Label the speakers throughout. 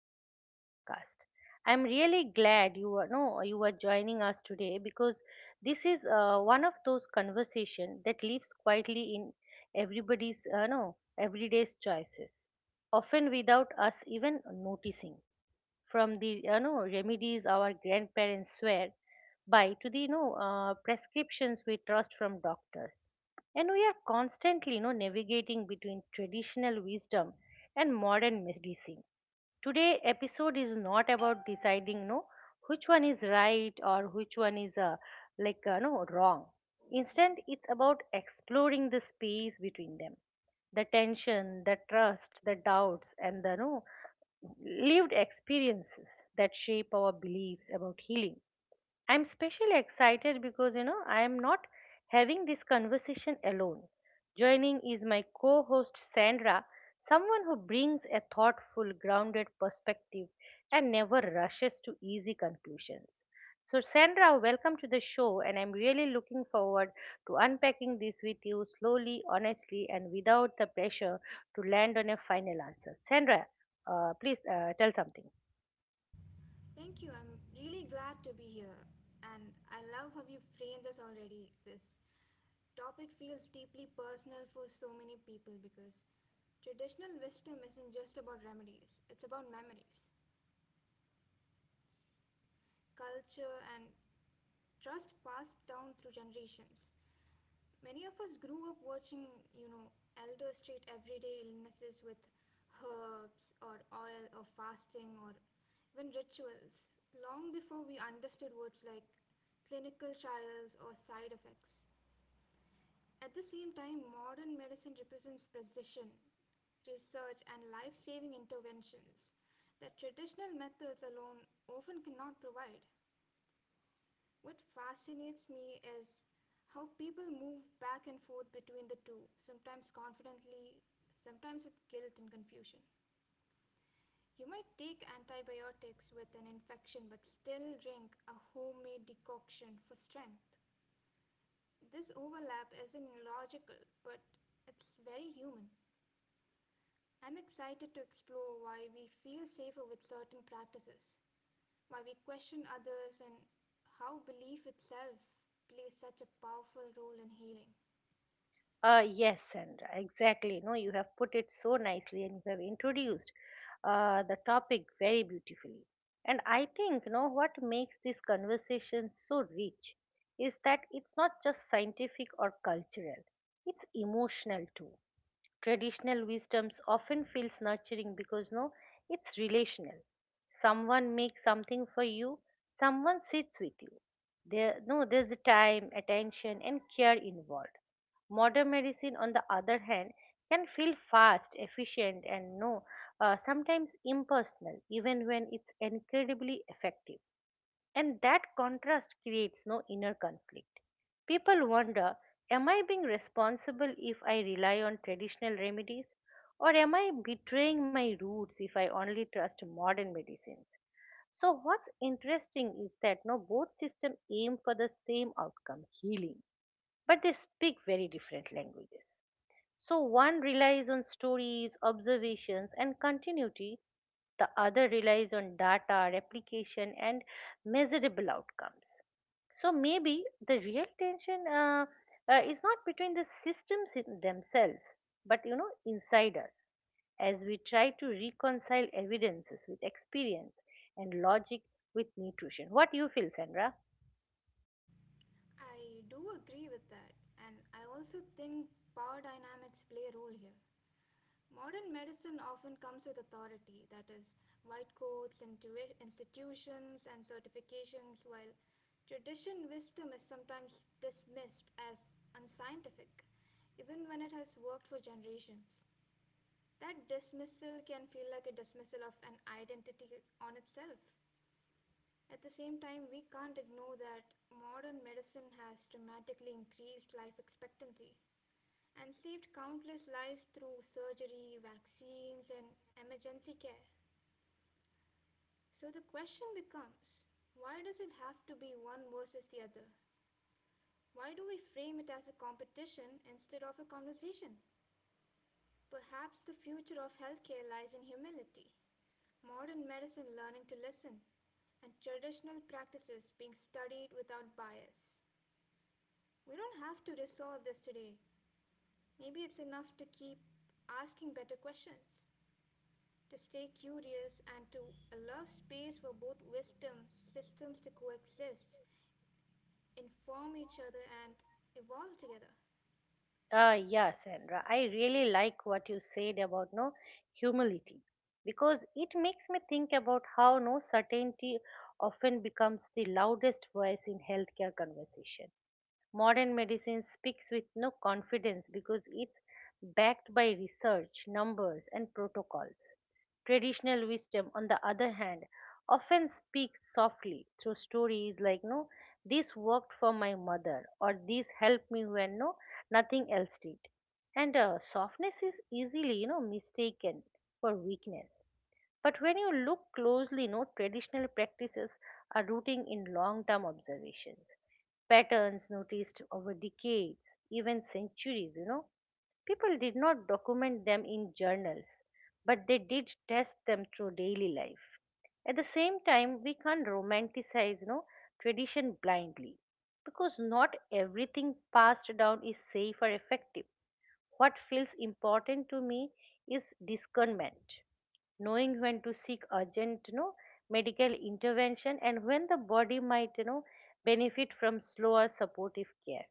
Speaker 1: back to the podcast. I'm really glad you are no you are joining us today because this is one of those conversation that lives quietly in everybody's no everyday's choices often without us even noticing from the remedies our grandparents swear by to the prescriptions we trust from doctors and we are constantly, navigating between traditional wisdom and modern medicine. Today episode is not about deciding, which one is right or which one is like no wrong. Instead, it's about exploring the space between them, the tension, the trust, the doubts, and the no lived experiences that shape our beliefs about healing. I'm especially excited because I am not having this conversation alone. Joining is my co host Sandra, someone who brings a thoughtful, grounded perspective and never rushes to easy conclusions. So, Sandra, welcome to the show, and I'm really looking forward to unpacking this with you slowly, honestly, and without the pressure to land on a final answer. Sandra, please tell something.
Speaker 2: Thank you. I'm really glad to be here. And I love how you framed this already. This topic feels deeply personal for so many people because traditional wisdom isn't just about remedies, it's about memories culture, and trust passed down through generations. Many of us grew up watching, elders treat everyday illnesses with herbs or oil or fasting or even rituals long before we understood words like clinical trials or side effects. At the same time, modern medicine represents precision, research, and life saving interventions that traditional methods alone often cannot provide. What fascinates me is how people move back and forth between the two, sometimes confidently, sometimes with guilt and confusion. You might take antibiotics with an infection but still drink a homemade decoction for strength. This overlap isn't logical, but it's very human. I'm excited to explore why we feel safer with certain practices why we question others, and how belief itself plays such a powerful role in healing.
Speaker 1: Yes, Sandra, exactly. No, you have put it so nicely and you have introduced the topic very beautifully. And I think, what makes this conversation so rich is that it's not just scientific or cultural, it's emotional too. Traditional wisdoms often feels nurturing because no it's relational. Someone makes something for you, someone sits with you, there no there's a time, attention, and care involved. Modern medicine, on the other hand, can feel fast, efficient, and no sometimes impersonal, even when it's incredibly effective. And that contrast creates no inner conflict. People wonder, am I being responsible if I rely on traditional remedies? Or am I betraying my roots if I only trust modern medicines? So, what's interesting is that no, both systems aim for the same outcome, healing, but they speak very different languages. So one relies on stories, observations, and continuity. The other relies on data, replication, and measurable outcomes. So maybe the real tension is not between the systems in themselves, but inside us. As we try to reconcile evidences with experience and logic with nutrition. What do you feel, Sandra?
Speaker 2: I do agree with that, and I also think power dynamics play a role here. Modern medicine often comes with authority, that is, white coats, institutions, and certifications, while tradition wisdom is sometimes dismissed as unscientific, even when it has worked for generations. That dismissal can feel like a dismissal of an identity on itself. At the same time, we can't ignore that modern medicine has dramatically increased life expectancy and saved countless lives through surgery, vaccines, and emergency care. So the question becomes why does it have to be one versus the other? Why do we frame it as a competition instead of a conversation? Perhaps the future of healthcare lies in humility, modern medicine learning to listen, and traditional practices being studied without bias. We don't have to resolve this today. Maybe it's enough to keep asking better questions, to stay curious, and to allow space for both wisdom systems to coexist, inform each other, and evolve together.
Speaker 1: Yeah, Sandra, I really like what you said about no humility, because it makes me think about how no certainty often becomes the loudest voice in healthcare conversation. Modern medicine speaks with no confidence because it's backed by research, numbers, and protocols. Traditional wisdom, on the other hand, often speaks softly through stories, like, no, this worked for my mother, or this helped me when nothing else did. And softness is easily, mistaken for weakness. But when you look closely, no traditional practices are rooting in long term observations, patterns noticed over decades, even centuries. People did not document them in journals, but they did test them through daily life. At the same time, we can't romanticize, tradition blindly, because not everything passed down is safe or effective. What feels important to me is discernment, knowing when to seek urgent medical intervention, and when the body might benefit from slower supportive care.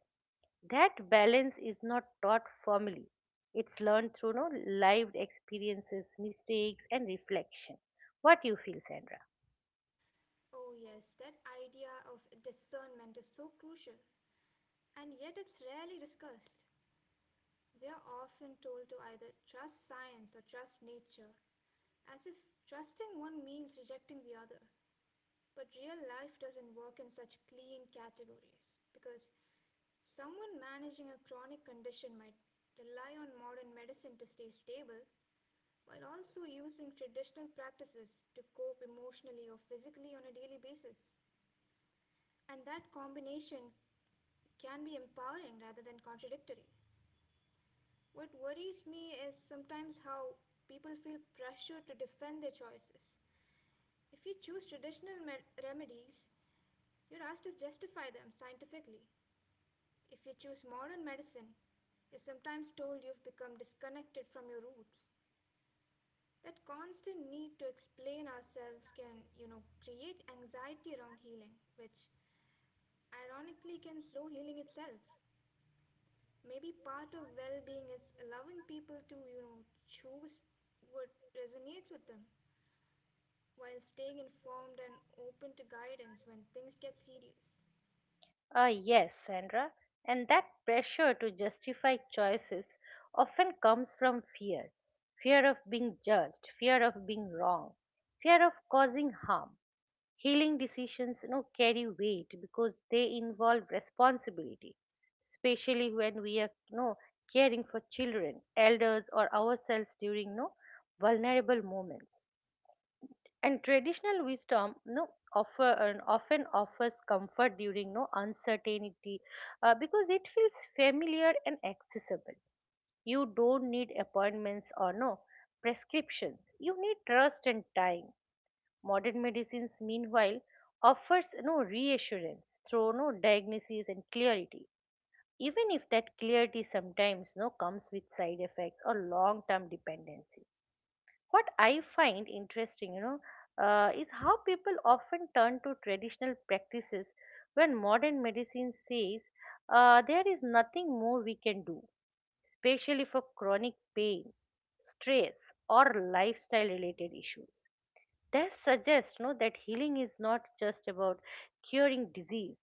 Speaker 1: That balance is not taught formally, it's learned through lived experiences, mistakes, and reflection. What you feel, Sandra?
Speaker 2: Oh, yes, that idea of discernment is so crucial, and yet it's rarely discussed. We are often told to either trust science or trust nature, as if trusting one means rejecting the other. But real life doesn't work in such clean categories because someone managing a chronic condition might rely on modern medicine to stay stable while also using traditional practices to cope emotionally or physically on a daily basis. And that combination can be empowering rather than contradictory. What worries me is sometimes how people feel pressure to defend their choices. If you choose traditional remedies, you're asked to justify them scientifically. If you choose modern medicine, you're sometimes told you've become disconnected from your roots. That constant need to explain ourselves can create anxiety around healing, which ironically can slow healing itself. Maybe part of well-being is allowing people to choose what resonates with them while staying informed and open to guidance when things get serious.
Speaker 1: Yes, Sandra. And that pressure to justify choices often comes from fear. Fear of being judged, fear of being wrong, fear of causing harm. Healing decisions carry weight because they involve responsibility, especially when we are caring for children, elders, or ourselves during vulnerable moments. And traditional wisdom you know offer and often offers comfort during uncertainty, because it feels familiar and accessible. You don't need appointments or no prescriptions, you need trust and time. Modern medicines, meanwhile, offers reassurance through no diagnosis and clarity, even if that clarity sometimes no comes with side effects or long-term dependencies. What I find interesting, is how people often turn to traditional practices when modern medicine says there is nothing more we can do, especially for chronic pain, stress, or lifestyle related issues. This suggests that healing is not just about curing disease,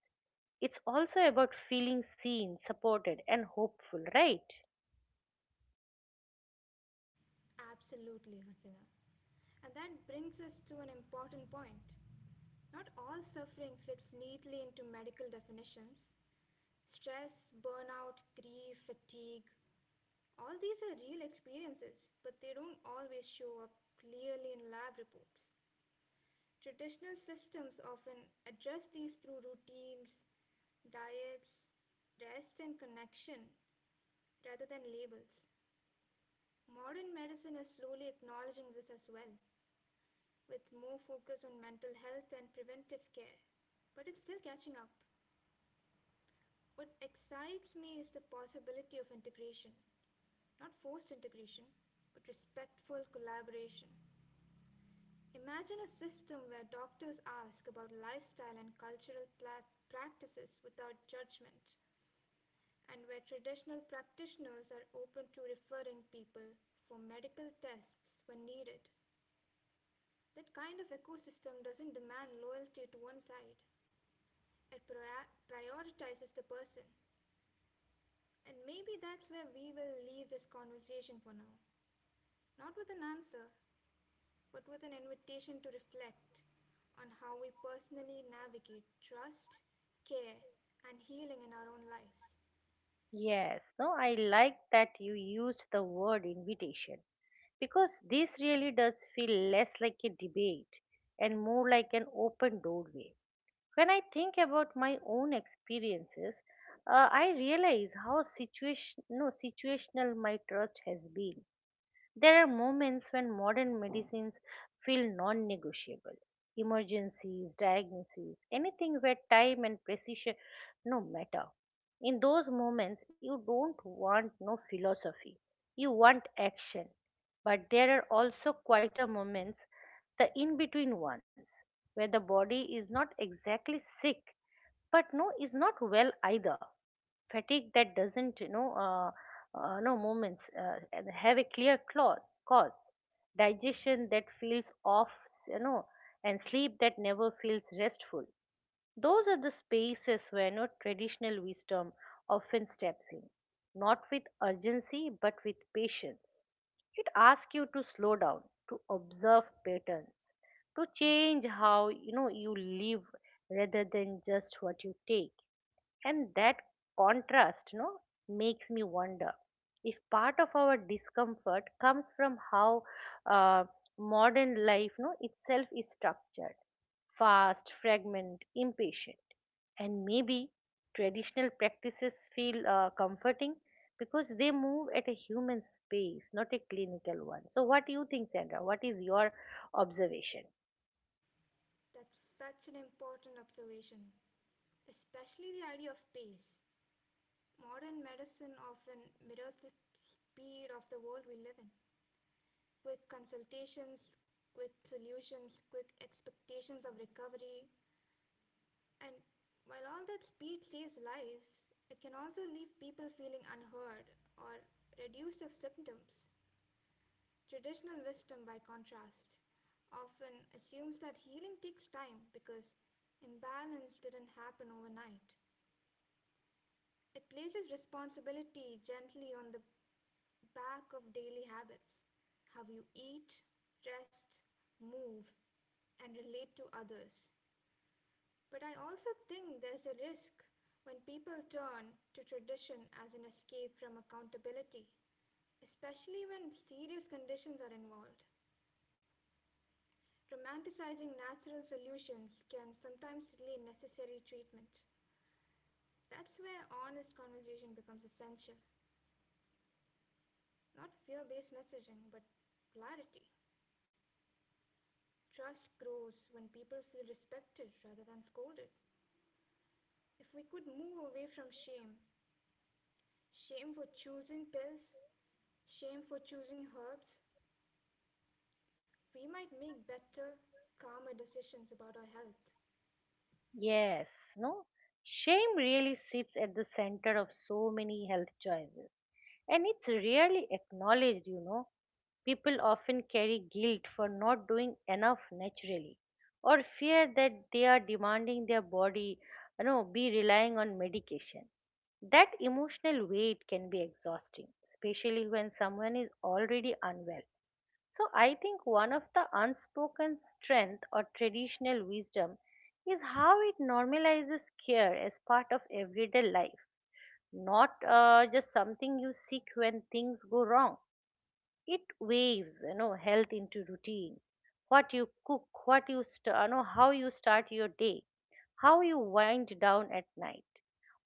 Speaker 1: it's also about feeling seen, supported, and hopeful, right?
Speaker 2: Absolutely Hasina. And that brings us to an important point. Not all suffering fits neatly into medical definitions. Stress burnout grief fatigue all these are real experiences but they don't always show up clearly in lab reports. Traditional systems often address these through routines, diets, rest, and connection rather than labels. Modern medicine is slowly acknowledging this as well, with more focus on mental health and preventive care. But it's still catching up. What excites me is the possibility of integration, not forced integration, but respectful collaboration. Imagine a system where doctors ask about lifestyle and cultural practices without judgment, and where traditional practitioners are open to referring people for medical tests when needed. That kind of ecosystem doesn't demand loyalty to one side, it prioritizes the person. And maybe that's where we will leave this conversation for now. Not with an answer, but with an invitation to reflect on how we personally navigate trust, care, and healing in our own lives.
Speaker 1: Yes, no, I like that you used the word invitation, because this really does feel less like a debate and more like an open doorway. When I think about my own experiences, I realize how situation, no, situational my trust has been. There are moments when modern medicines feel non negotiable, emergencies, diagnoses, anything where time and precision no matter. In those moments, you don't want no philosophy, you want action. But there are also quieter moments, the in between ones, where the body is not exactly sick but is not well either. Fatigue that doesn't you know no moments and have a clear cause, digestion that feels off, you know and sleep that never feels restful. Those are the spaces where no traditional wisdom often steps in, not with urgency but with patience. It asks you to slow down, to observe patterns, to change how you live rather than just what you take. And that contrast makes me wonder if part of our discomfort comes from how uh, modern life no itself is structured, fast, fragment, impatient. And maybe traditional practices feel comforting because they move at a human space, not a clinical one. So what do you think, Sandra? What is your observation?
Speaker 2: That's such an important observation, especially the idea of pace. Modern medicine often mirrors the speed of the world we live in. Quick consultations, quick solutions, quick expectations of recovery. And while all that speed saves lives, it can also leave people feeling unheard or reduced of symptoms. Traditional wisdom, by contrast, often assumes that healing takes time because imbalance didn't happen overnight. It places responsibility gently on the back of daily habits, how you eat, rest, move, and relate to others. But I also think there's a risk when people turn to tradition as an escape from accountability, especially when serious conditions are involved. Romanticizing natural solutions can sometimes delay necessary treatment. That's where honest conversation becomes essential. Not fear based messaging, but clarity. Trust grows when people feel respected rather than scolded. If we could move away from shame, shame for choosing pills, shame for choosing herbs, we might make better, calmer decisions about our health.
Speaker 1: Yes, no? Shame really sits at the center of so many health choices, and it's rarely acknowledged. People often carry guilt for not doing enough naturally, or fear that they are demanding their body, be relying on medication. That emotional weight can be exhausting, especially when someone is already unwell. So I think one of the unspoken strength or traditional wisdom is how it normalizes care as part of everyday life, not just something you seek when things go wrong. It waves, health into routine. What you cook, what you st- you know, how you start your day, how you wind down at night.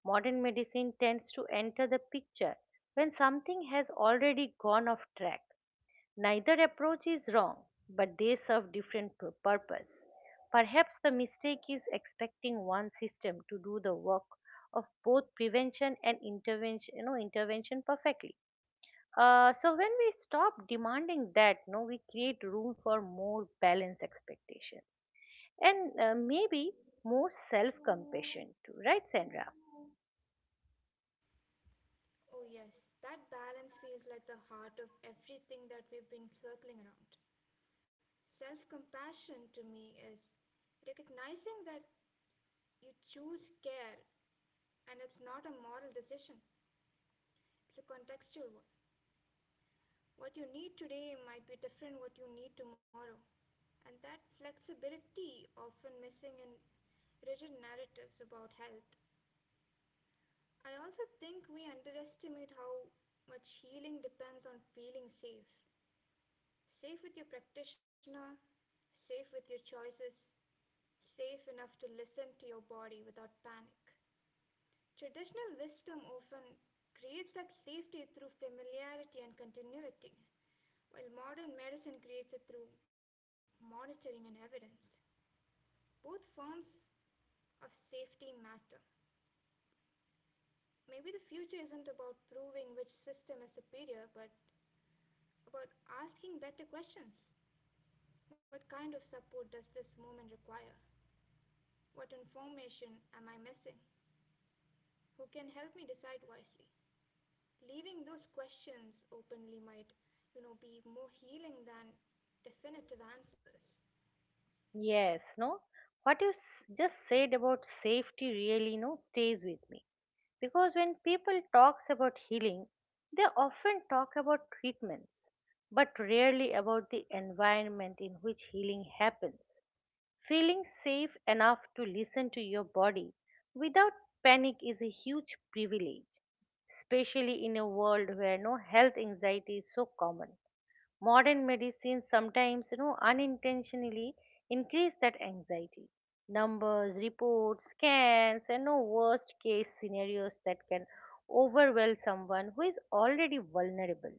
Speaker 1: Modern medicine tends to enter the picture when something has already gone off track. Neither approach is wrong, but they serve different purpose. Perhaps the mistake is expecting one system to do the work of both prevention and intervention perfectly. So when we stop demanding that, no, we create room for more balanced expectation and maybe more self-compassion too, right, Sandra?
Speaker 2: Oh, yes, that balance feels like the heart of everything that we've been circling around. Self compassion to me is recognizing that you choose care and it's not a moral decision, it's a contextual one. What you need today might be different what you need tomorrow. And that flexibility often missing in rigid narratives about health. I also think we underestimate how much healing depends on feeling safe. Safe with your practitioner, safe with your choices, safe enough to listen to your body without panic. Traditional wisdom often creates that safety through familiarity and continuity, while modern medicine creates it through monitoring and evidence. Both forms of safety matter. Maybe the future isn't about proving which system is superior, but about asking better questions. What kind of support does this moment require? What information am I missing? Who can help me decide wisely? Leaving those questions openly might be more healing than definitive answers.
Speaker 1: Yes, no. What you just said about safety really, no, stays with me, because when people talks about healing they often talk about treatments, but rarely about the environment in which healing happens. Feeling safe enough to listen to your body without panic is a huge privilege, especially in a world where no health anxiety is so common. Modern medicine sometimes unintentionally increase that anxiety, numbers, reports, scans, and no worst case scenarios that can overwhelm someone who is already vulnerable.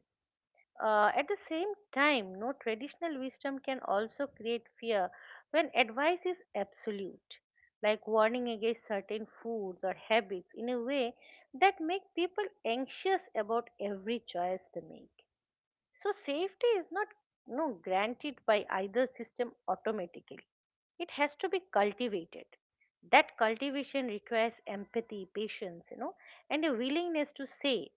Speaker 1: At the same time no traditional wisdom can also create fear when advice is absolute, like warning against certain foods or habits in a way that make people anxious about every choice they make. So safety is not granted by either system automatically. It has to be cultivated. That cultivation requires empathy, patience, and a willingness to say,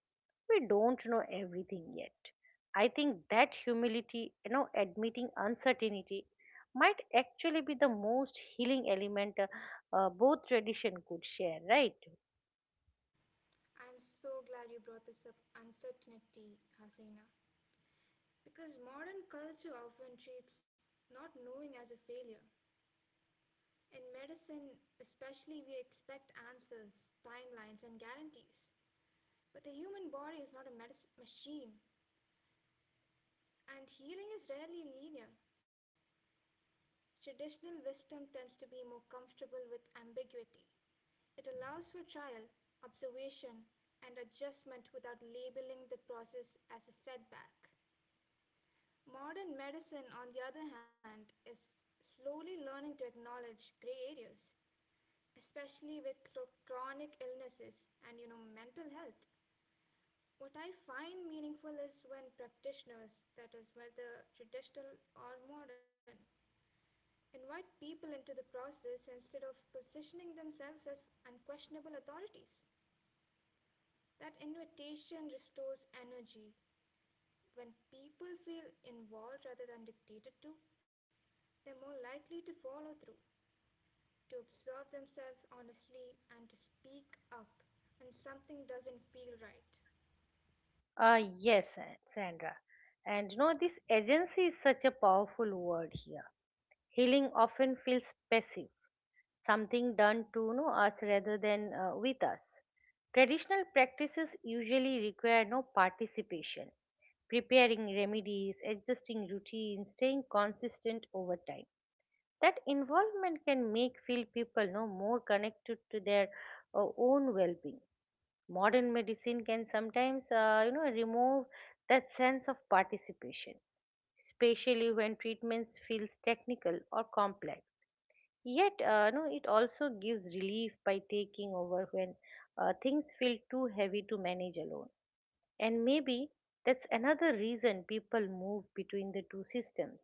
Speaker 1: we don't know everything yet. I think that humility, admitting uncertainty might actually be the most healing element both tradition could share, right?
Speaker 2: I'm so glad you brought this up uncertainty Hasina. Because modern culture often treats not knowing as a failure. In medicine especially we expect answers timelines and guarantees. But the human body is not a medis machine and healing is rarely linear. Traditional wisdom tends to be more comfortable with ambiguity. It allows for trial, observation, and adjustment without labeling the process as a setback. Modern medicine, on the other hand, is slowly learning to acknowledge gray areas, especially with chronic illnesses and mental health. What I find meaningful is when practitioners, that is whether traditional or modern, invite people into the process instead of positioning themselves as unquestionable authorities. That invitation restores energy. When people feel involved rather than dictated to, they're more likely to follow through, to observe themselves honestly, and to speak up when something doesn't feel right.
Speaker 1: Yes, Sandra. And this agency is such a powerful word here. Healing often feels passive, something done to us rather than with us. Traditional practices usually require no participation, preparing remedies, adjusting routines, staying consistent over time. That involvement can make feel people no more connected to their own well-being. Modern medicine can sometimes remove that sense of participation, especially when treatments feels technical or complex. Yet, no, it also gives relief by taking over when things feel too heavy to manage alone. And maybe that's another reason people move between the two systems.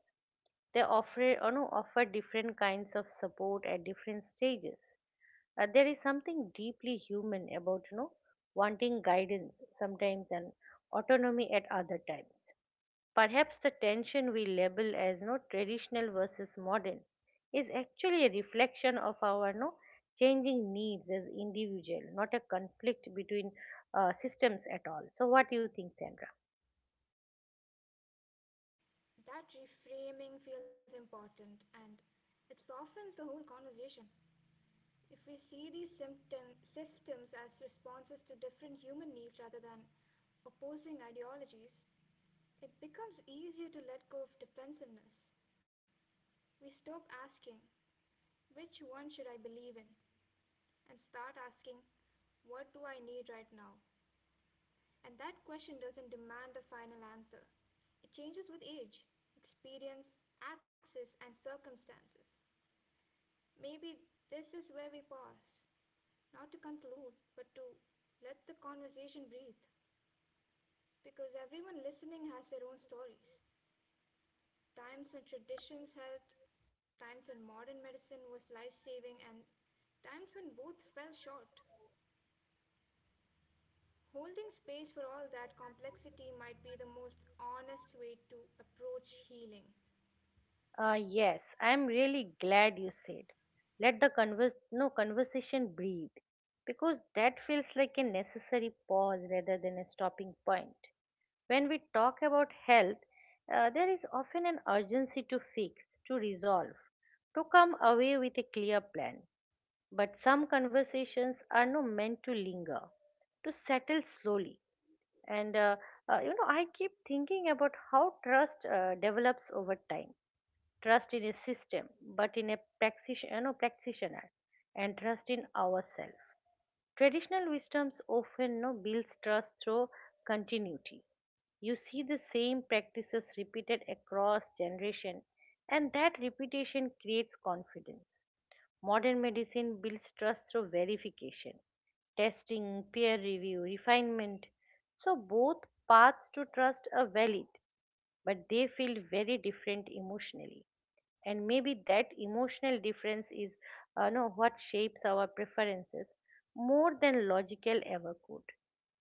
Speaker 1: They offer, no, offer different kinds of support at different stages. There is something deeply human about wanting guidance sometimes and autonomy at other times. Perhaps the tension we label as no traditional versus modern is actually a reflection of our no changing needs as individual, not a conflict between systems at all. So, what do you think, Sandra?
Speaker 2: That reframing feels important and it softens the whole conversation. If we see these symptom systems as responses to different human needs rather than opposing ideologies, it becomes easier to let go of defensiveness. We stop asking, which one should I believe in? And start asking, what do I need right now? And that question doesn't demand a final answer. It changes with age, experience, access, and circumstances. Maybe this is where we pause, not to conclude, but to let the conversation breathe, because everyone listening has their own stories. Times when traditions helped, times when modern medicine was life saving, and times when both fell short. Holding space for all that complexity might be the most honest way to approach healing.
Speaker 1: Yes, I am really glad you said, let the converse, no conversation breathe, because that feels like a necessary pause rather than a stopping point. When we talk about health, there is often an urgency to fix, to resolve, to come away with a clear plan. But some conversations are not meant to linger, to settle slowly. And, I keep thinking about how trust develops over time, trust in a system, but in a practitioner, practitioner, and trust in ourselves. Traditional wisdoms often no, builds trust through continuity. You see the same practices repeated across generation, and that repetition creates confidence. Modern medicine builds trust through verification, testing, peer review, refinement. So both paths to trust are valid, but they feel very different emotionally, and maybe that emotional difference is know what shapes our preferences more than logical ever could.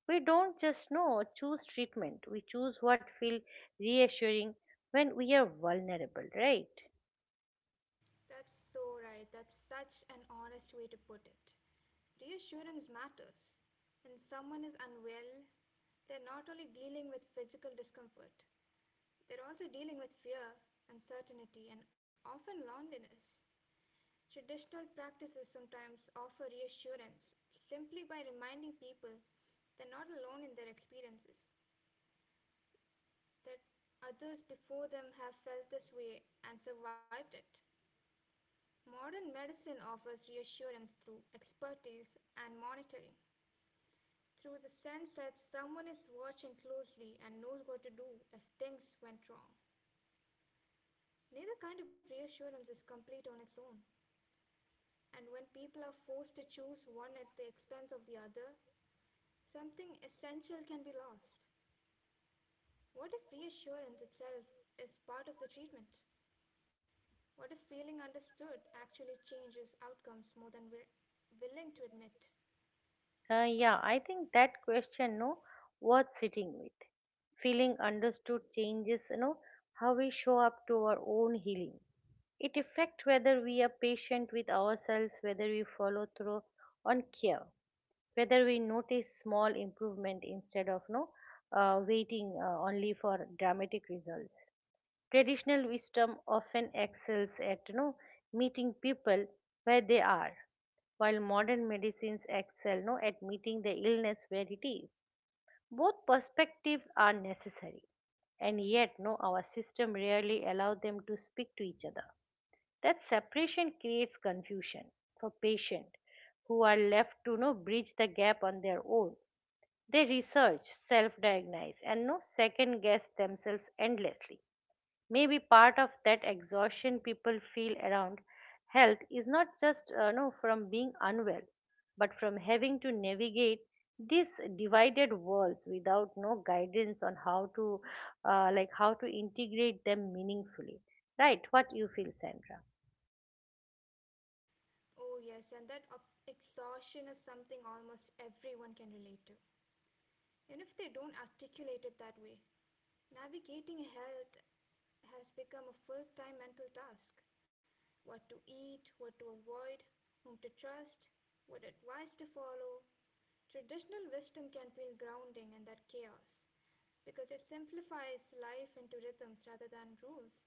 Speaker 1: We don't just know choose treatment, we choose what feels reassuring when we are vulnerable, right?
Speaker 2: That's so right. That's such an honest way to put it. Reassurance matters. When someone is unwell, they're not only dealing with physical discomfort, they're also dealing with fear, uncertainty, and often loneliness. Traditional practices sometimes offer reassurance simply by reminding people they're not alone in their experiences, that others before them have felt this way and survived it. Modern medicine offers reassurance through expertise and monitoring, through the sense that someone is watching closely and knows what to do if things went wrong. Neither kind of reassurance is complete on its own, and when people are forced to choose one at the expense of the other, something essential can be lost. What if reassurance itself is part of the treatment? What if feeling understood actually changes outcomes more than we're willing to admit?
Speaker 1: Yeah, I think that question no worth sitting with. Feeling understood changes, how we show up to our own healing. It affects whether we are patient with ourselves, whether we follow through on care, whether we notice small improvement instead of no waiting only for dramatic results. Traditional wisdom often excels at, meeting people where they are, while modern medicines excel no at meeting the illness where it is. Both perspectives are necessary, and yet no our system rarely allow them to speak to each other. That separation creates confusion for patients, who are left to no bridge the gap on their own. They research, self-diagnose, and no second guess themselves endlessly. Maybe part of that exhaustion people feel around health is not just no from being unwell, but from having to navigate these divided worlds without no guidance on how to, how to integrate them meaningfully. Right? What you feel, Sandra?
Speaker 2: Oh, yes, and that exhaustion is something almost everyone can relate to, even if they don't articulate it that way. Navigating health has become a full time mental task. What to eat, what to avoid, whom to trust, what advice to follow. Traditional wisdom can feel grounding in that chaos because it simplifies life into rhythms rather than rules.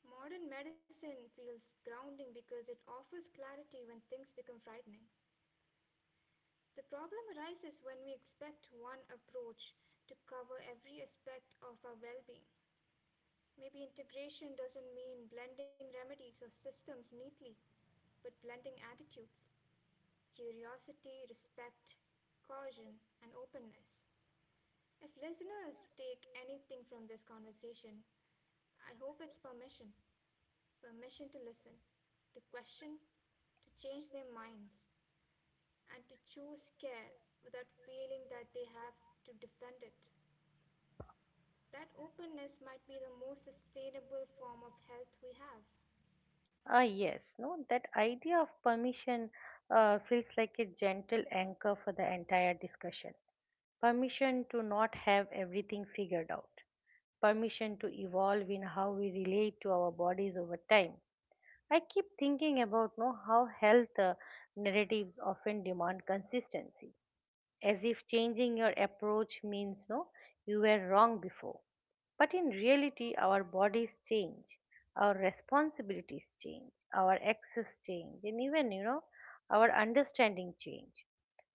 Speaker 2: Modern medicine feels grounding because it offers clarity when things become frightening. The problem arises when we expect one approach to cover every aspect of our well being. Maybe integration doesn't mean blending remedies or systems neatly, but blending attitudes, curiosity, respect, caution, and openness. If listeners take anything from this conversation, I hope it's permission, permission to listen, to question, to change their minds, and to choose care without feeling that they have to defend it. That openness might be the most sustainable form of health we have.
Speaker 1: Ah, yes, no, that idea of permission feels like a gentle anchor for the entire discussion. Permission to not have everything figured out, permission to evolve in how we relate to our bodies over time. I keep thinking about no, how health narratives often demand consistency, as if changing your approach means no you were wrong before. But in reality, our bodies change, our responsibilities change, our access change, and even, our understanding change.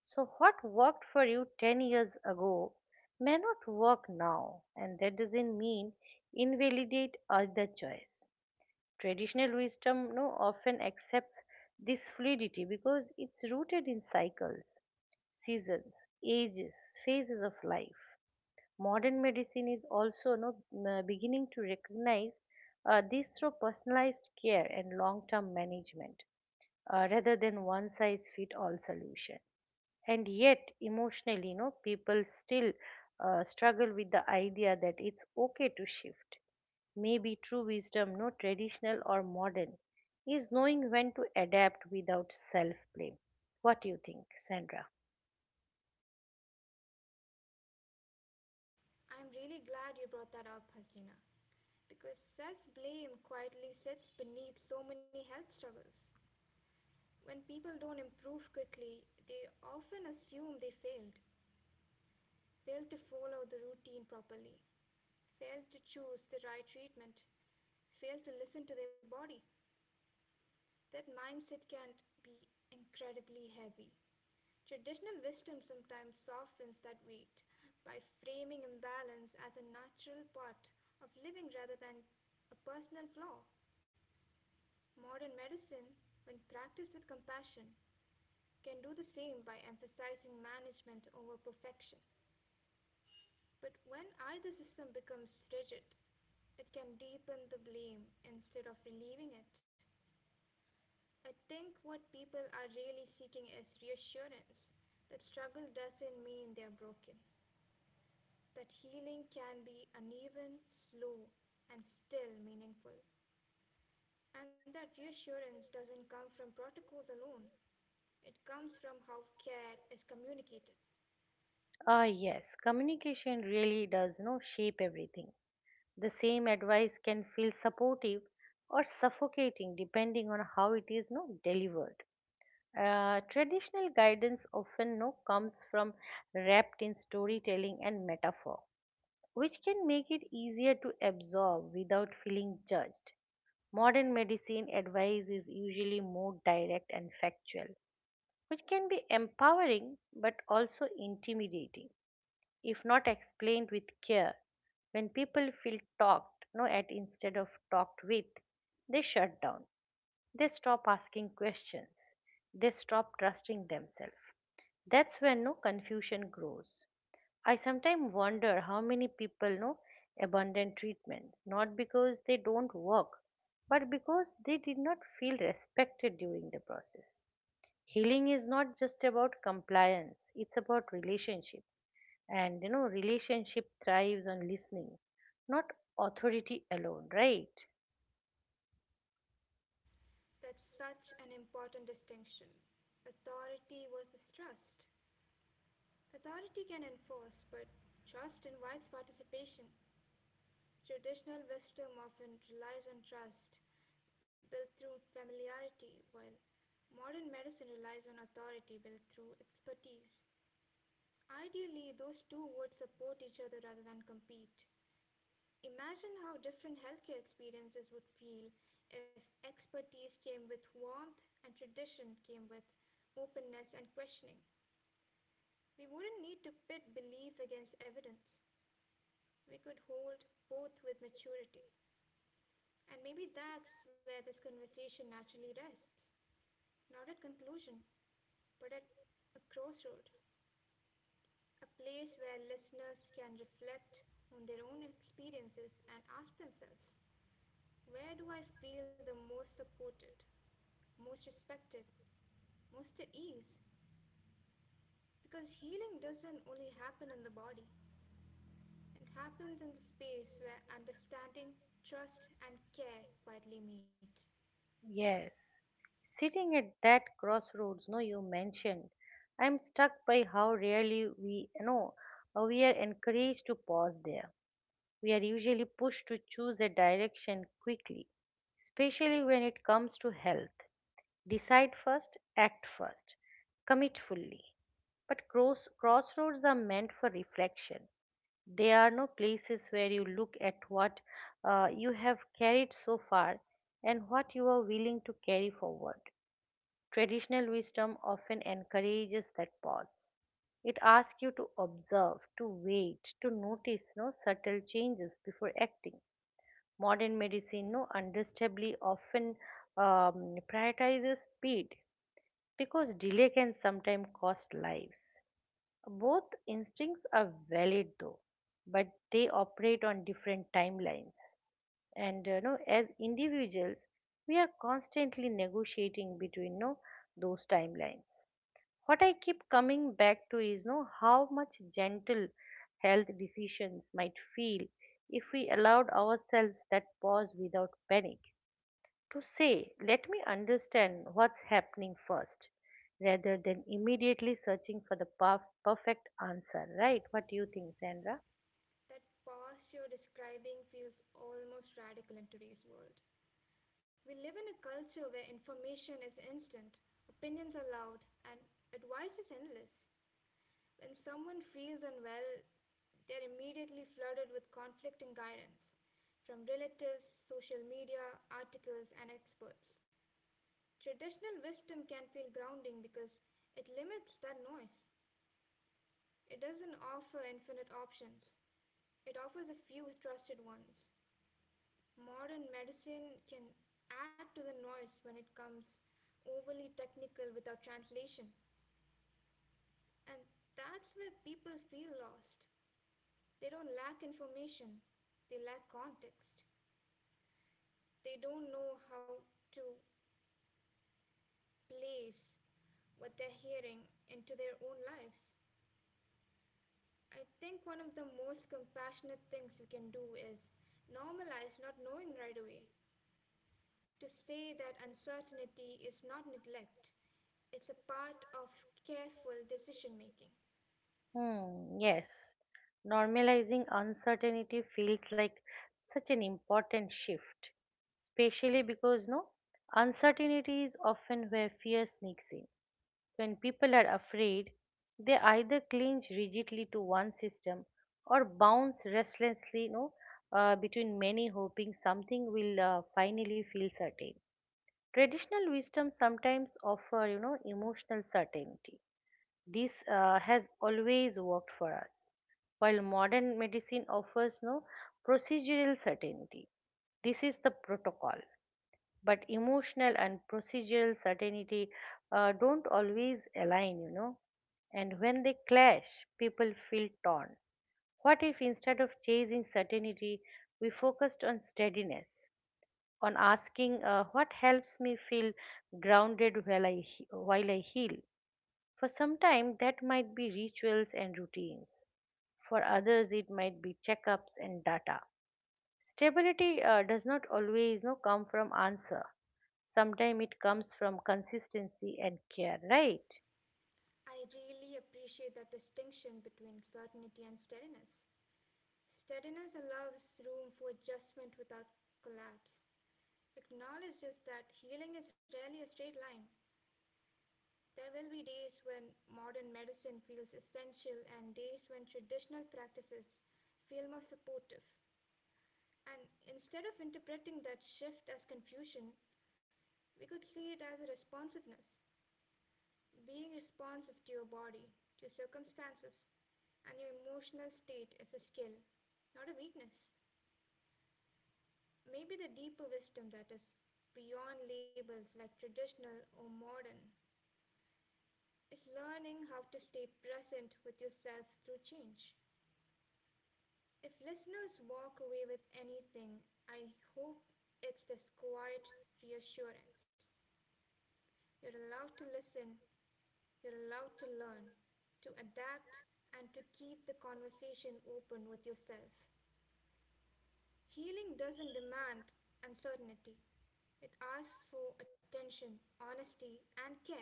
Speaker 1: So what worked for you 10 years ago may not work now, and that doesn't mean invalidate other choice. Traditional wisdom no often accepts this fluidity because it's rooted in cycles, seasons, ages, phases of life. Modern medicine is also, beginning to recognize this through personalized care and long term management, rather than one size fit all solution. And yet, emotionally, people still struggle with the idea that it's okay to shift. Maybe true wisdom, no traditional or modern, is knowing when to adapt without self blame. What do you think, Sandra?
Speaker 2: I'm really glad you brought that up, Hasdina, because self blame quietly sits beneath so many health struggles. When people don't improve quickly, they often assume they failed. Fail to follow the routine properly, fail to choose the right treatment, fail to listen to their body, that mindset can be incredibly heavy. Traditional wisdom sometimes softens that weight by framing imbalance as a natural part of living rather than a personal flaw. Modern medicine, when practiced with compassion, can do the same by emphasizing management over perfection. But when either system becomes rigid, it can deepen the blame instead of relieving it. I think what people are really seeking is reassurance that struggle doesn't mean they're broken, that healing can be uneven, slow, and still meaningful, and that reassurance doesn't come from protocols alone. It comes from how care is communicated.
Speaker 1: Ah, yes, communication really does no shape everything. The same advice can feel supportive or suffocating depending on how it is no delivered. Traditional guidance often no comes from wrapped in storytelling and metaphor, which can make it easier to absorb without feeling judged. Modern medicine advice is usually more direct and factual, which can be empowering but also intimidating if not explained with care. When people feel talked no at instead of talked with, they shut down. They stop asking questions. They stop trusting themselves. That's when no confusion grows. I sometimes wonder how many people know abundant treatments, not because they don't work, but because they did not feel respected during the process. Healing is not just about compliance, it's about relationship, and relationship thrives on listening, not authority alone, right?
Speaker 2: That's such an important distinction. Authority versus trust. Authority can enforce, but trust invites participation. Traditional wisdom often relies on trust, built through familiarity, while modern medicine relies on authority built through expertise. Ideally, those two would support each other rather than compete. Imagine how different healthcare experiences would feel if expertise came with warmth and tradition came with openness and questioning. We wouldn't need to pit belief against evidence. We could hold both with maturity. And maybe that's where this conversation naturally rests. Not at conclusion, but at a crossroad, a place where listeners can reflect on their own experiences and ask themselves, where do I feel the most supported, most respected, most at ease? Because healing doesn't only happen in the body, it happens in the space where understanding, trust, and care quietly meet.
Speaker 1: Yes, sitting at that crossroads no you mentioned, I'm struck by how rarely we you know we are encouraged to pause there. We are usually pushed to choose a direction quickly, especially when it comes to health. Decide first, act first, commit fully. But crossroads are meant for reflection. There are no places where you look at what you have carried so far, and what you are willing to carry forward. Traditional wisdom often encourages that pause. It asks you to observe, to wait, to notice no subtle changes before acting. Modern medicine, no understandably, often prioritizes speed because delay can sometimes cost lives. Both instincts are valid though, but they operate on different timelines. And, as individuals, we are constantly negotiating between, those timelines. What I keep coming back to is, how much gentle health decisions might feel if we allowed ourselves that pause without panic, to say, let me understand what's happening first, rather than immediately searching for the perfect answer, right? What do you think, Sandra?
Speaker 2: That past you're describing feels almost radical in today's world. We live in a culture where information is instant, opinions are loud, and advice is endless. When someone feels unwell, they're immediately flooded with conflicting guidance from relatives, social media, articles, and experts. Traditional wisdom can feel grounding because it limits that noise. It doesn't offer infinite options, it offers a few trusted ones. Modern medicine can add to the noise when it comes overly technical without translation. And that's where people feel lost. They don't lack information, they lack context. They don't know how to place what they're hearing into their own lives. I think one of the most compassionate things we can do is normalize not knowing right away. To say that uncertainty is not neglect, it's a part of careful decision making.
Speaker 1: Hmm, yes, normalizing uncertainty feels like such an important shift, especially because no uncertainty is often where fear sneaks in. When people are afraid, they either cling rigidly to one system or bounce restlessly, between many, hoping something will finally feel certain. Traditional wisdom sometimes offer, emotional certainty, this has always worked for us. While modern medicine offers no procedural certainty, this is the protocol. But emotional and procedural certainty don't always align, you know. And when they clash, people feel torn. What if, instead of chasing certainty, we focused on steadiness, on asking, what helps me feel grounded while I heal? For some time, that might be rituals and routines. For others, it might be checkups and data. Stability does not always, come from answer. Sometimes it comes from consistency and care, right?
Speaker 2: I really appreciate that distinction between certainty and steadiness. Steadiness allows room for adjustment without collapse, acknowledges that healing is rarely a straight line. There will be days when modern medicine feels essential and days when traditional practices feel more supportive. And instead of interpreting that shift as confusion, we could see it as a responsiveness, being responsive to your body, to circumstances, and your emotional state is a skill, not a weakness. Maybe the deeper wisdom that is beyond labels like traditional or modern is learning how to stay present with yourself through change. If listeners walk away with anything, I hope it's this quiet reassurance. You're allowed to listen, you're allowed to learn, to adapt, and to keep the conversation open with yourself. Healing doesn't demand uncertainty, it asks for attention, honesty, and care.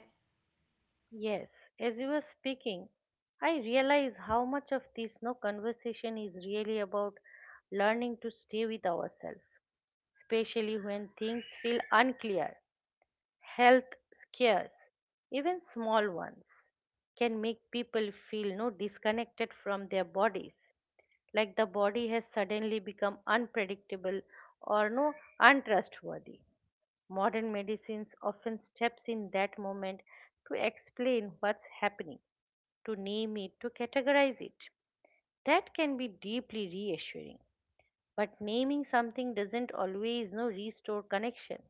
Speaker 1: Yes, as you were speaking, I realize how much of this no conversation is really about learning to stay with ourselves, especially when things feel unclear. Health scares, even small ones, can make people feel no disconnected from their bodies, like the body has suddenly become unpredictable or no untrustworthy. Modern medicines often steps in that moment to explain what's happening, to name it, to categorize it. That can be deeply reassuring, but naming something doesn't always no restore connection.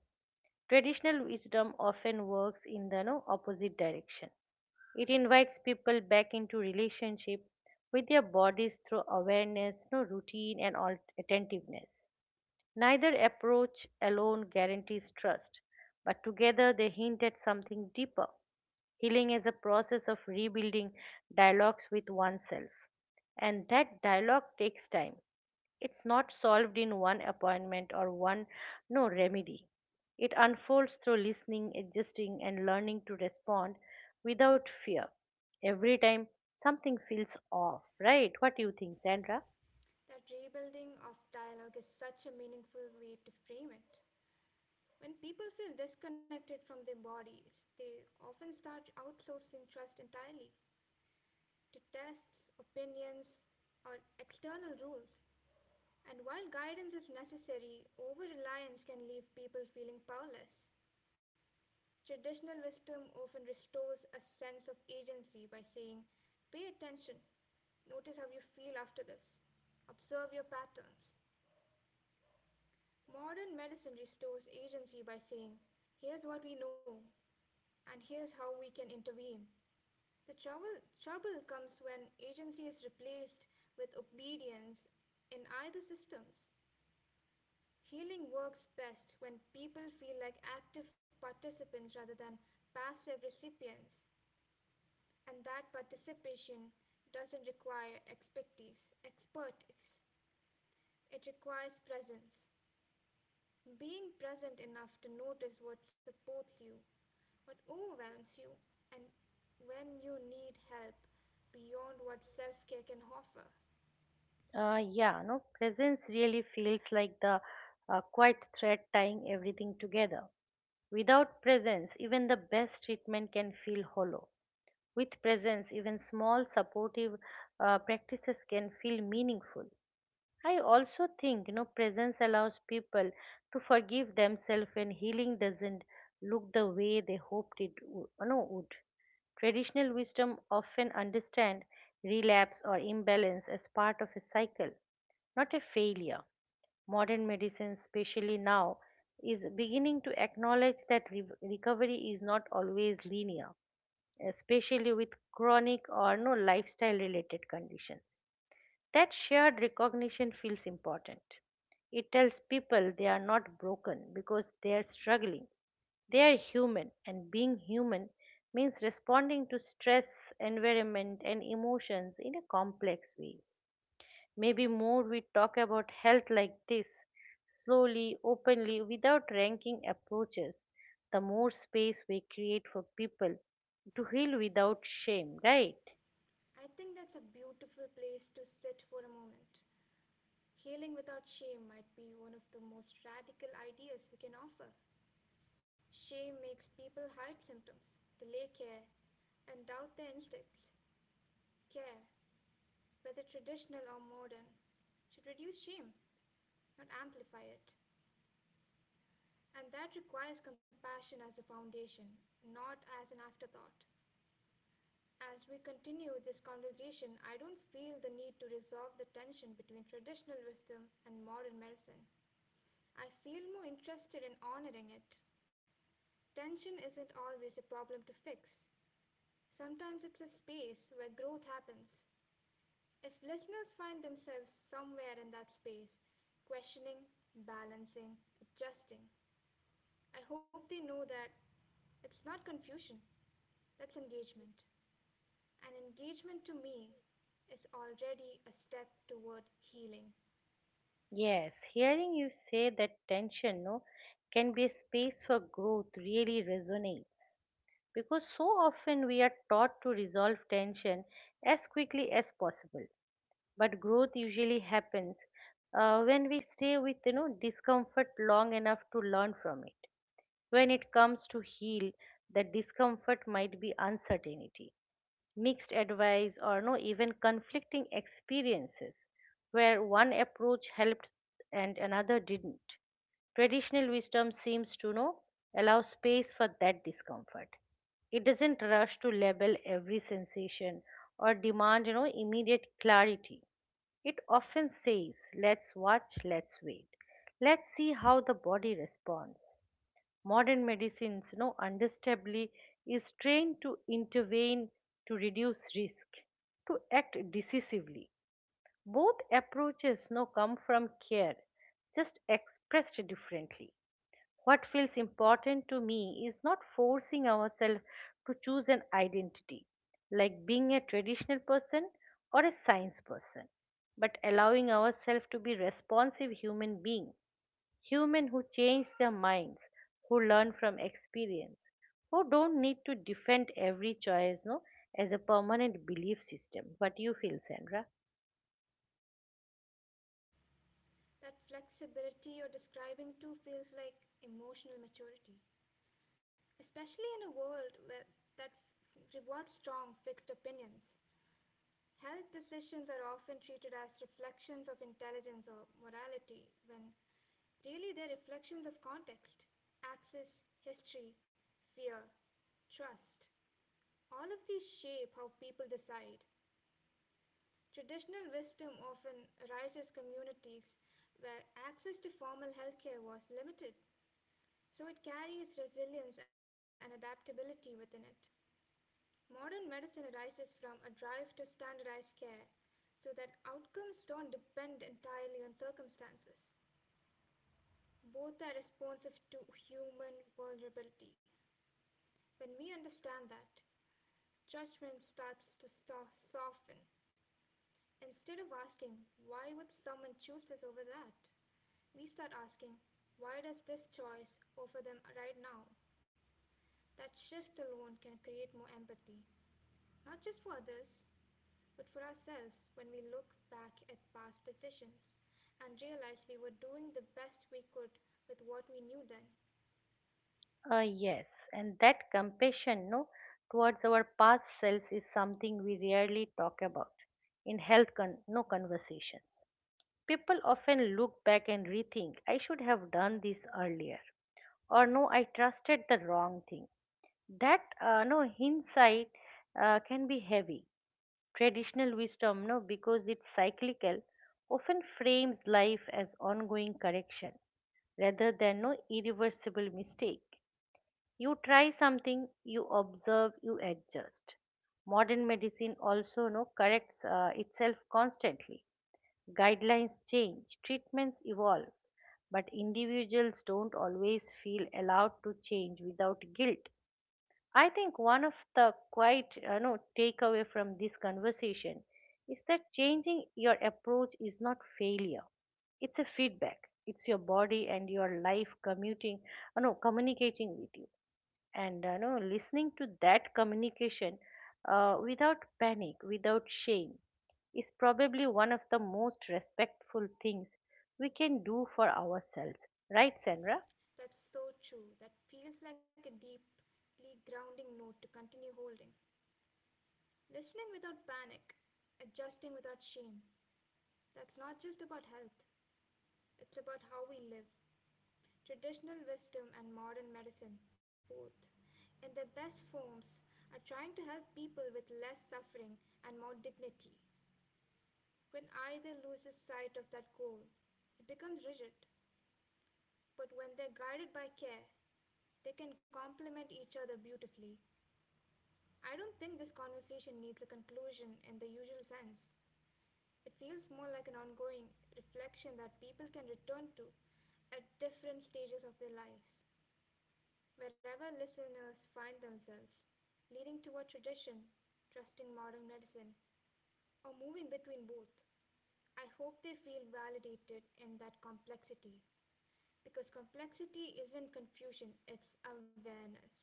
Speaker 1: Traditional wisdom often works in the no, opposite direction. It invites people back into relationship with their bodies through awareness, no routine, and attentiveness. Neither approach alone guarantees trust, but together they hint at something deeper. Healing is a process of rebuilding dialogues with oneself, and that dialogue takes time. It's not solved in one appointment or one no remedy. It unfolds through listening, adjusting, and learning to respond without fear. Every time something feels off, right? What do you think, Sandra?
Speaker 2: That rebuilding of dialogue is such a meaningful way to frame it. When people feel disconnected from their bodies, they often start outsourcing trust entirely to tests, opinions, or external rules. And while guidance is necessary, over reliance can leave people feeling powerless. Traditional wisdom often restores a sense of agency by saying, pay attention, notice how you feel after this, observe your patterns. Modern medicine restores agency by saying, here's what we know, and here's how we can intervene. The trouble comes when agency is replaced with obedience in either systems. Healing works best when people feel like active participants rather than passive recipients, and that participation doesn't require expertise. It requires presence. Being present enough to notice what supports you, what overwhelms you, and when you need help beyond what self care can offer.
Speaker 1: Yeah, no, presence really feels like the quiet thread tying everything together. Without presence, even the best treatment can feel hollow. With presence, even small supportive practices can feel meaningful. I also think, presence allows people to forgive themselves when healing doesn't look the way they hoped it would, no, would. Traditional wisdom often understand relapse or imbalance as part of a cycle, not a failure. Modern medicine, especially now, is beginning to acknowledge that recovery is not always linear, especially with chronic or no lifestyle related conditions. That shared recognition feels important. It tells people they are not broken because they are struggling. They are human, and being human means responding to stress, environment, and emotions in a complex ways. Maybe more we talk about health like this, slowly, openly, without ranking approaches, the more space we create for people to heal without shame, right?
Speaker 2: I think that's a beautiful place to sit for a moment. Healing without shame might be one of the most radical ideas we can offer. Shame makes people hide symptoms, delay care, and doubt their instincts. Care, whether traditional or modern, should reduce shame, not amplify it. And that requires compassion as a foundation, not as an afterthought. As we continue this conversation, I don't feel the need to resolve the tension between traditional wisdom and modern medicine. I feel more interested in honoring it. Tension isn't always a problem to fix, sometimes it's a space where growth happens. If listeners find themselves somewhere in that space, questioning, balancing, adjusting, I hope they know that it's not confusion, that's engagement. And engagement to me is already a step toward healing.
Speaker 1: Yes, hearing you say that tension no can be a space for growth really resonates, because so often we are taught to resolve tension as quickly as possible. But growth usually happens when we stay with, discomfort long enough to learn from it. When it comes to heal, the discomfort might be uncertainty, mixed advice, or no even conflicting experiences where one approach helped and another didn't. Traditional wisdom seems to know allow space for that discomfort. It doesn't rush to label every sensation or demand, immediate clarity. It often says, let's watch, let's wait, let's see how the body responds. Modern medicines, understandably, is trained to intervene, to reduce risk, to act decisively. Both approaches, come from care, just expressed differently. What feels important to me is not forcing ourselves to choose an identity, like being a traditional person or a science person, but allowing ourselves to be responsive human being. Humans who change their minds, who learn from experience, who don't need to defend every choice no, as a permanent belief system. What do you feel, Sandra?
Speaker 2: That flexibility you're describing too feels like emotional maturity. Especially in a world where, rewards strong, fixed opinions. Health decisions are often treated as reflections of intelligence or morality, when really they're reflections of context, access, history, fear, trust. All of these shape how people decide. Traditional wisdom often arises communities where access to formal healthcare was limited, so it carries resilience and adaptability within it. Modern medicine arises from a drive to standardize care so that outcomes don't depend entirely on circumstances. Both are responsive to human vulnerability. When we understand that, judgment starts to soften. Instead of asking, why would someone choose this over that? We start asking, why does this choice offer them right now? That shift alone can create more empathy. Not just for others, but for ourselves when we look back at past decisions and realize we were doing the best we could with what we knew then.
Speaker 1: Yes, and that compassion no, towards our past selves is something we rarely talk about in health con- no conversations. People often look back and rethink, I should have done this earlier, or no, I trusted the wrong thing. That no hindsight can be heavy. Traditional wisdom, no, because it's cyclical, often frames life as ongoing correction rather than no irreversible mistake. You try something, you observe, you adjust. Modern medicine also no corrects itself constantly. Guidelines change, treatments evolve, but individuals don't always feel allowed to change without guilt. I think one of the quite you know takeaway from this conversation is that changing your approach is not failure. It's a feedback. It's your body and your life communicating with you. Listening to that communication without panic, without shame, is probably one of the most respectful things we can do for ourselves. Right, Sandra?
Speaker 2: That's so true. That feels like a deeply grounding note to continue holding. Listening without panic, adjusting without shame. That's not just about health, it's about how we live. Traditional wisdom and modern medicine, both, in their best forms, are trying to help people with less suffering and more dignity. When either loses sight of that goal, it becomes rigid. But when they're guided by care, they can complement each other beautifully. I don't think this conversation needs a conclusion in the usual sense. It feels more like an ongoing reflection that people can return to at different stages of their lives. Wherever listeners find themselves, leaning toward tradition, trusting modern medicine, or moving between both. I hope they feel validated in that complexity. Because complexity isn't confusion, it's awareness.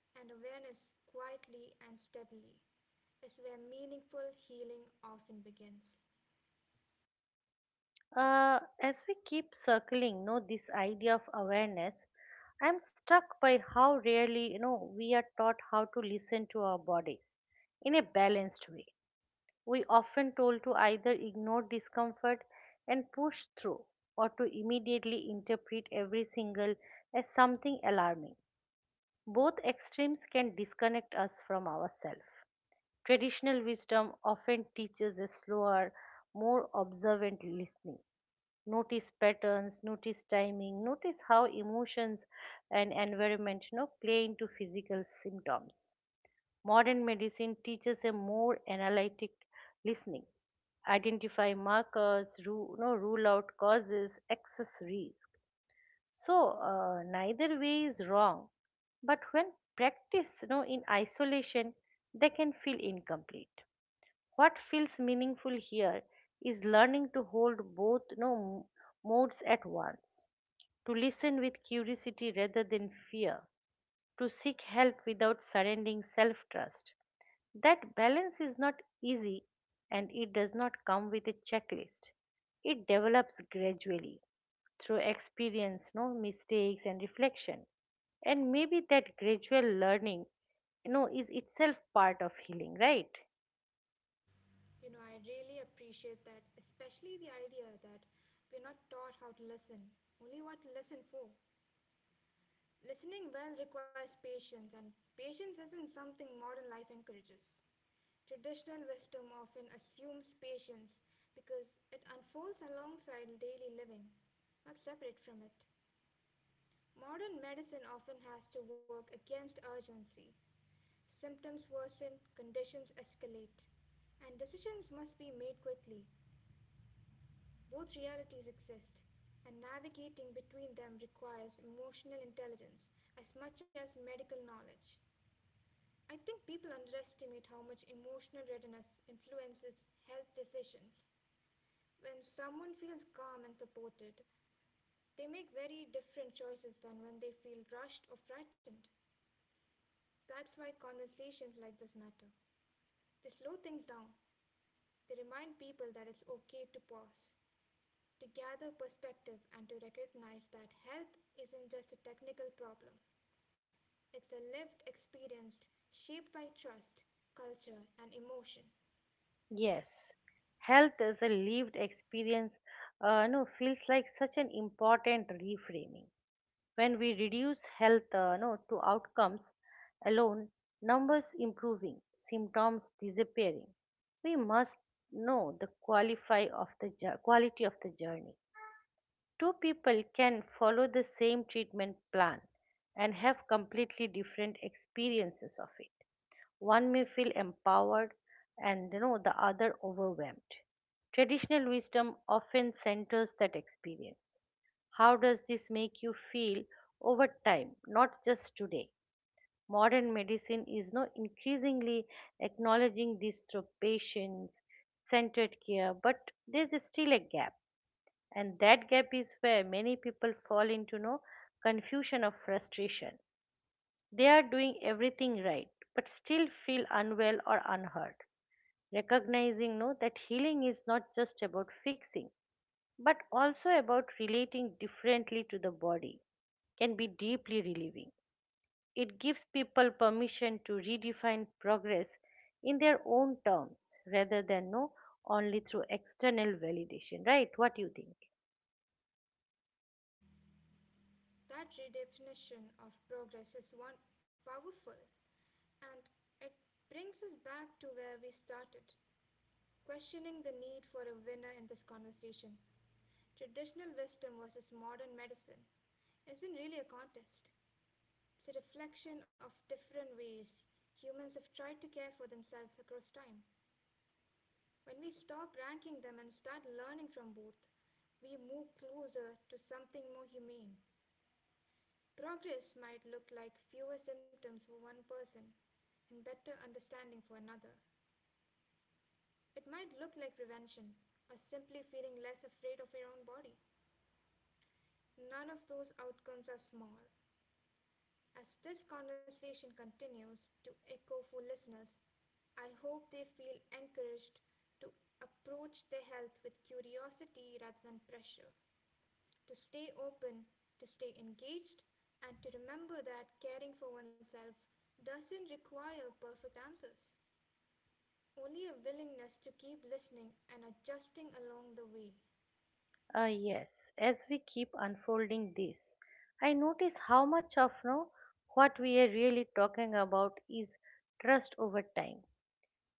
Speaker 2: And awareness, quietly and steadily, is where meaningful healing often begins.
Speaker 1: As we keep circling, no, this idea of awareness, I'm struck by how rarely, we are taught how to listen to our bodies in a balanced way. We often told to either ignore discomfort and push through, or to immediately interpret every single as something alarming. Both extremes can disconnect us from ourselves. Traditional wisdom often teaches a slower, more observant listening. Notice patterns, notice timing, notice how emotions and environment, play into physical symptoms. Modern medicine teaches a more analytic listening. Identify markers, rule out causes, access risk. So, neither way is wrong, but when practiced, in isolation, they can feel incomplete. What feels meaningful here is learning to hold both no m- modes at once, to listen with curiosity rather than fear, to seek help without surrendering self-trust. That balance is not easy and it does not come with a checklist. It develops gradually through experience, no mistakes, and reflection. And maybe that gradual learning is itself part of healing, right?
Speaker 2: You know, I really appreciate that, especially the idea that we're not taught how to listen, only what to listen for. Listening well requires patience, and patience isn't something modern life encourages. Traditional wisdom often assumes patience because it unfolds alongside daily living, not separate from it. Modern medicine often has to work against urgency. Symptoms worsen, conditions escalate, and decisions must be made quickly. Both realities exist, and navigating between them requires emotional intelligence as much as medical knowledge. I think people underestimate how much emotional readiness influences health decisions. When someone feels calm and supported, they make very different choices than when they feel rushed or frightened. That's why conversations like this matter. They slow things down, they remind people that it's okay to pause, to gather perspective, and to recognize that health isn't just a technical problem, it's a lived experience shaped by trust, culture, and emotion.
Speaker 1: Yes, health as a lived experience no feels like such an important reframing. When we reduce health no to outcomes alone, numbers improving, symptoms disappearing, we must know the qualify of the jour- quality of the journey. Two people can follow the same treatment plan and have completely different experiences of it. One may feel empowered and the other overwhelmed. Traditional wisdom often centers that experience. How does this make you feel over time, not just today? Modern medicine is now increasingly acknowledging this through patients centered care, but there's still a gap. And that gap is where many people fall into no confusion or frustration. They are doing everything right, but still feel unwell or unheard. Recognizing that healing is not just about fixing but also about relating differently to the body can be deeply relieving. It gives people permission to redefine progress in their own terms rather than no only through external validation. Right? What do you think?
Speaker 2: That redefinition of progress is one powerful, and it brings us back to where we started, questioning the need for a winner in this conversation. Traditional wisdom versus modern medicine isn't really a contest. It's a reflection of different ways humans have tried to care for themselves across time. When we stop ranking them and start learning from both, we move closer to something more humane. Progress might look like fewer symptoms for one person and better understanding for another. It might look like prevention or simply feeling less afraid of your own body. None of those outcomes are small. As this conversation continues to echo for listeners, I hope they feel encouraged to approach their health with curiosity rather than pressure. To stay open, to stay engaged, and to remember that caring for oneself doesn't require perfect answers, only a willingness to keep listening and adjusting along the way.
Speaker 1: Yes, as we keep unfolding this, I notice how much of no what we are really talking about is trust over time.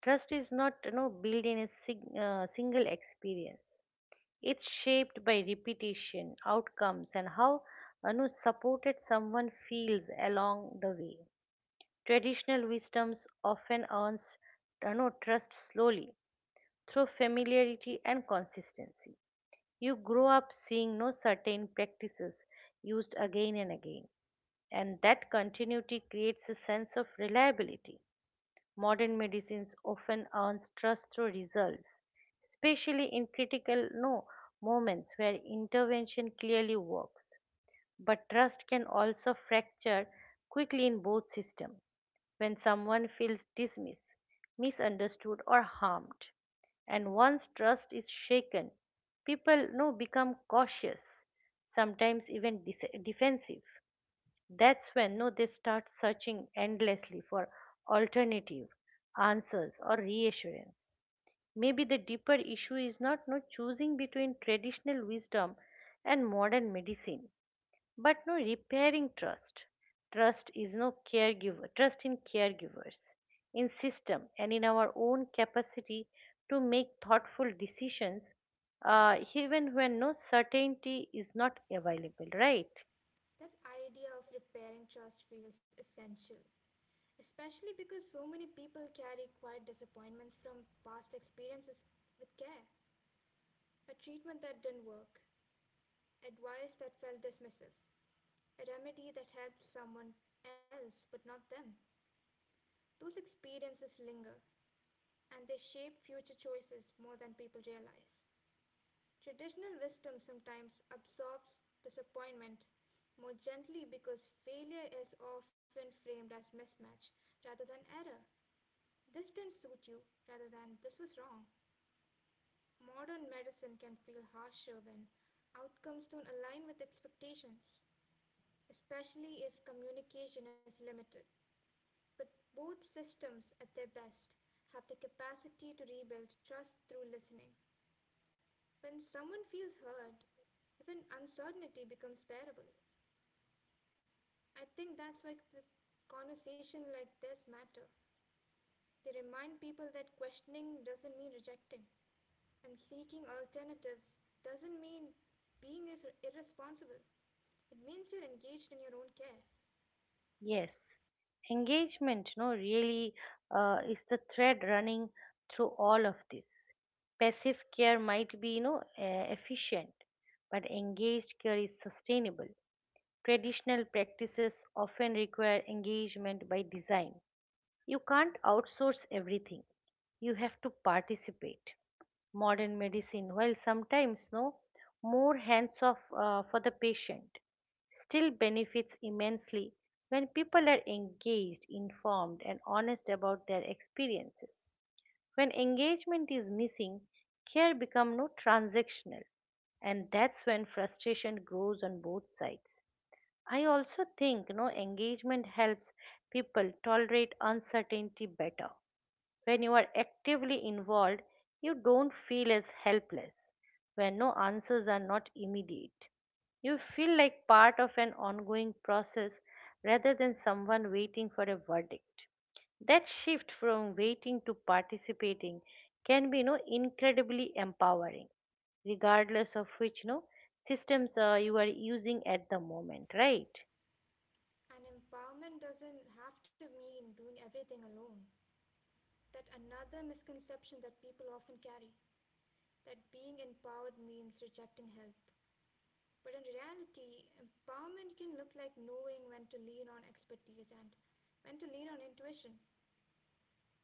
Speaker 1: Trust is not built in a single experience. It's shaped by repetition, outcomes, and how, supported someone feels along the way. Traditional wisdoms often earns trust slowly through familiarity and consistency. You grow up seeing no certain practices used again and again, and that continuity creates a sense of reliability. Modern medicines often earns trust through results, especially in critical no moments where intervention clearly works. But trust can also fracture quickly in both systems when someone feels dismissed, misunderstood, or harmed. And once trust is shaken, people no become cautious, sometimes even defensive. That's when no they start searching endlessly for alternative answers or reassurance. Maybe the deeper issue is not no choosing between traditional wisdom and modern medicine, but no repairing trust. Trust is no caregiver trust in caregivers, in system, and in our own capacity to make thoughtful decisions, even when certainty is not available. Right?
Speaker 2: That idea of repairing trust feels essential, especially because so many people carry quiet disappointments from past experiences with care. A treatment that didn't work, advice that felt dismissive, a remedy that helped someone else but not them. Those experiences linger and they shape future choices more than people realize. Traditional wisdom sometimes absorbs disappointment more gently because failure is often framed as mismatch rather than error. This didn't suit you rather than this was wrong. Modern medicine can feel harsher when outcomes don't align with expectations, especially if communication is limited. But both systems, at their best, have the capacity to rebuild trust through listening. When someone feels heard, even uncertainty becomes bearable. I think that's why the conversation like this matter. They remind people that questioning doesn't mean rejecting, and seeking alternatives doesn't mean being irresponsible. It means you're engaged in your own care,
Speaker 1: Yes, engagement, no, really is the thread running through all of this. Passive care might be, efficient, but engaged care is sustainable. Traditional practices often require engagement by design. You can't outsource everything. You have to participate. Modern medicine, while sometimes no more hands off for the patient, still benefits immensely when people are engaged, informed, and honest about their experiences. When engagement is missing, care becomes no transactional, and that's when frustration grows on both sides. I also think no engagement helps people tolerate uncertainty better. When you are actively involved, you don't feel as helpless, when answers are not immediate. You feel like part of an ongoing process rather than someone waiting for a verdict. That shift from waiting to participating can be, incredibly empowering, regardless of which, systems you are using at the moment, right?
Speaker 2: and empowerment doesn't have to mean doing everything alone. That another misconception that people often carry that being empowered means rejecting help. But in reality, empowerment can look like knowing when to lean on expertise and when to lean on intuition.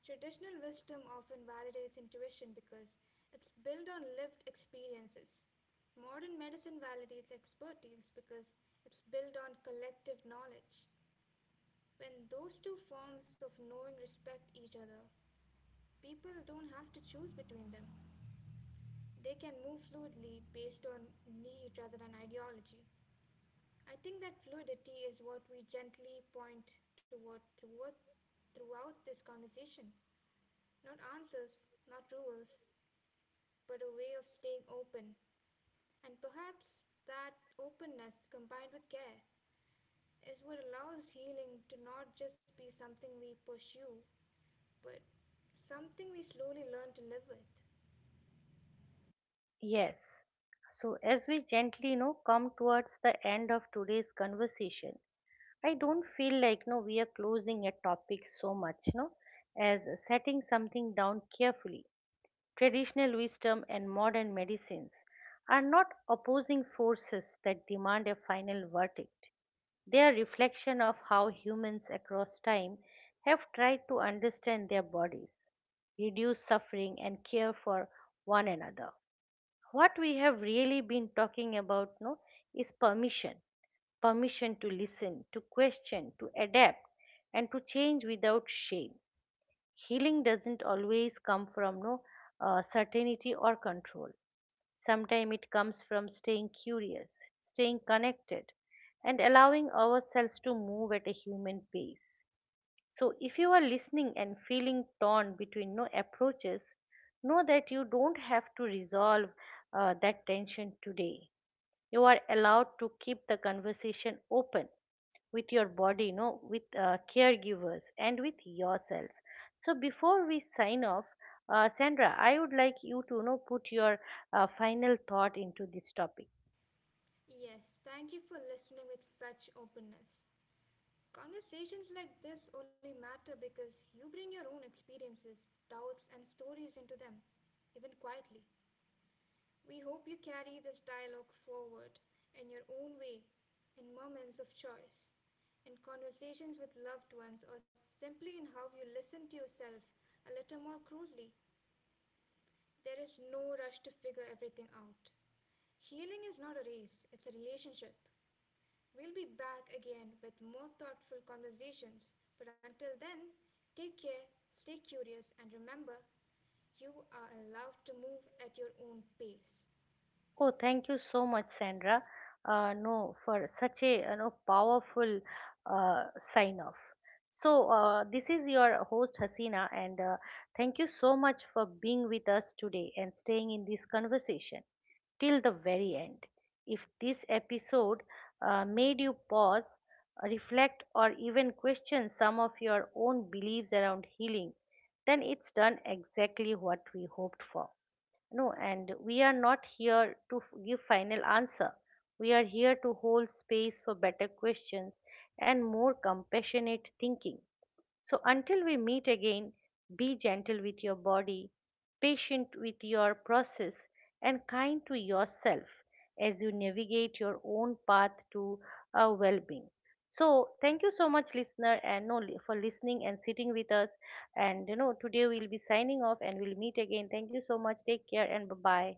Speaker 2: Traditional wisdom often validates intuition because it's built on lived experiences. Modern medicine validates expertise because it's built on collective knowledge. When those two forms of knowing respect each other, people don't have to choose between them. They can move fluidly based on need rather than ideology. I think that fluidity is what we gently point toward throughout, this conversation. Not answers, not rules, but a way of staying open. And perhaps that openness combined with care is what allows healing to not just be something we pursue, but something we slowly learn to live with.
Speaker 1: Yes. So, as we gently come towards the end of today's conversation, I don't feel like no we are closing a topic so much, no, as setting something down carefully. Traditional wisdom and modern medicines are not opposing forces that demand a final verdict. They are reflection of how humans across time have tried to understand their bodies, reduce suffering, and care for one another. What we have really been talking about no is permission. Permission to listen, to question, to adapt, and to change without shame. Healing doesn't always come from no certainty or control. Sometimes it comes from staying curious, staying connected, and allowing ourselves to move at a human pace. So, if you are listening and feeling torn between no approaches, know that you don't have to resolve that tension today. You are allowed to keep the conversation open with your body, no, with caregivers, and with yourselves. So, before we sign off, Sandra, I would like you to put your final thought into this topic.
Speaker 2: Yes, thank you for listening with such openness. Conversations like this only matter because you bring your own experiences, doubts, and stories into them, even quietly. We hope you carry this dialogue forward in your own way, in moments of choice, in conversations with loved ones, or simply in how you listen to yourself a little more cruelly. There is no rush to figure everything out. Healing is not a race, it's a relationship. We'll be back again with more thoughtful conversations. But until then, take care, stay curious, and remember you are allowed to move at your own pace.
Speaker 1: Oh, thank you so much, Sandra. No, for such a powerful uh, sign off. So, this is your host Hasina, and thank you so much for being with us today and staying in this conversation till the very end. If this episode made you pause, reflect, or even question some of your own beliefs around healing, then it's done exactly what we hoped for. No, and we are not here to give final answer. We are here to hold space for better questions and more compassionate thinking. So, until we meet again, be gentle with your body, patient with your process, and kind to yourself as you navigate your own path to a well being. So, thank you so much, listener, and no, li- for listening and sitting with us. Today we'll be signing off and we'll meet again. Thank you so much. Take care and bye bye.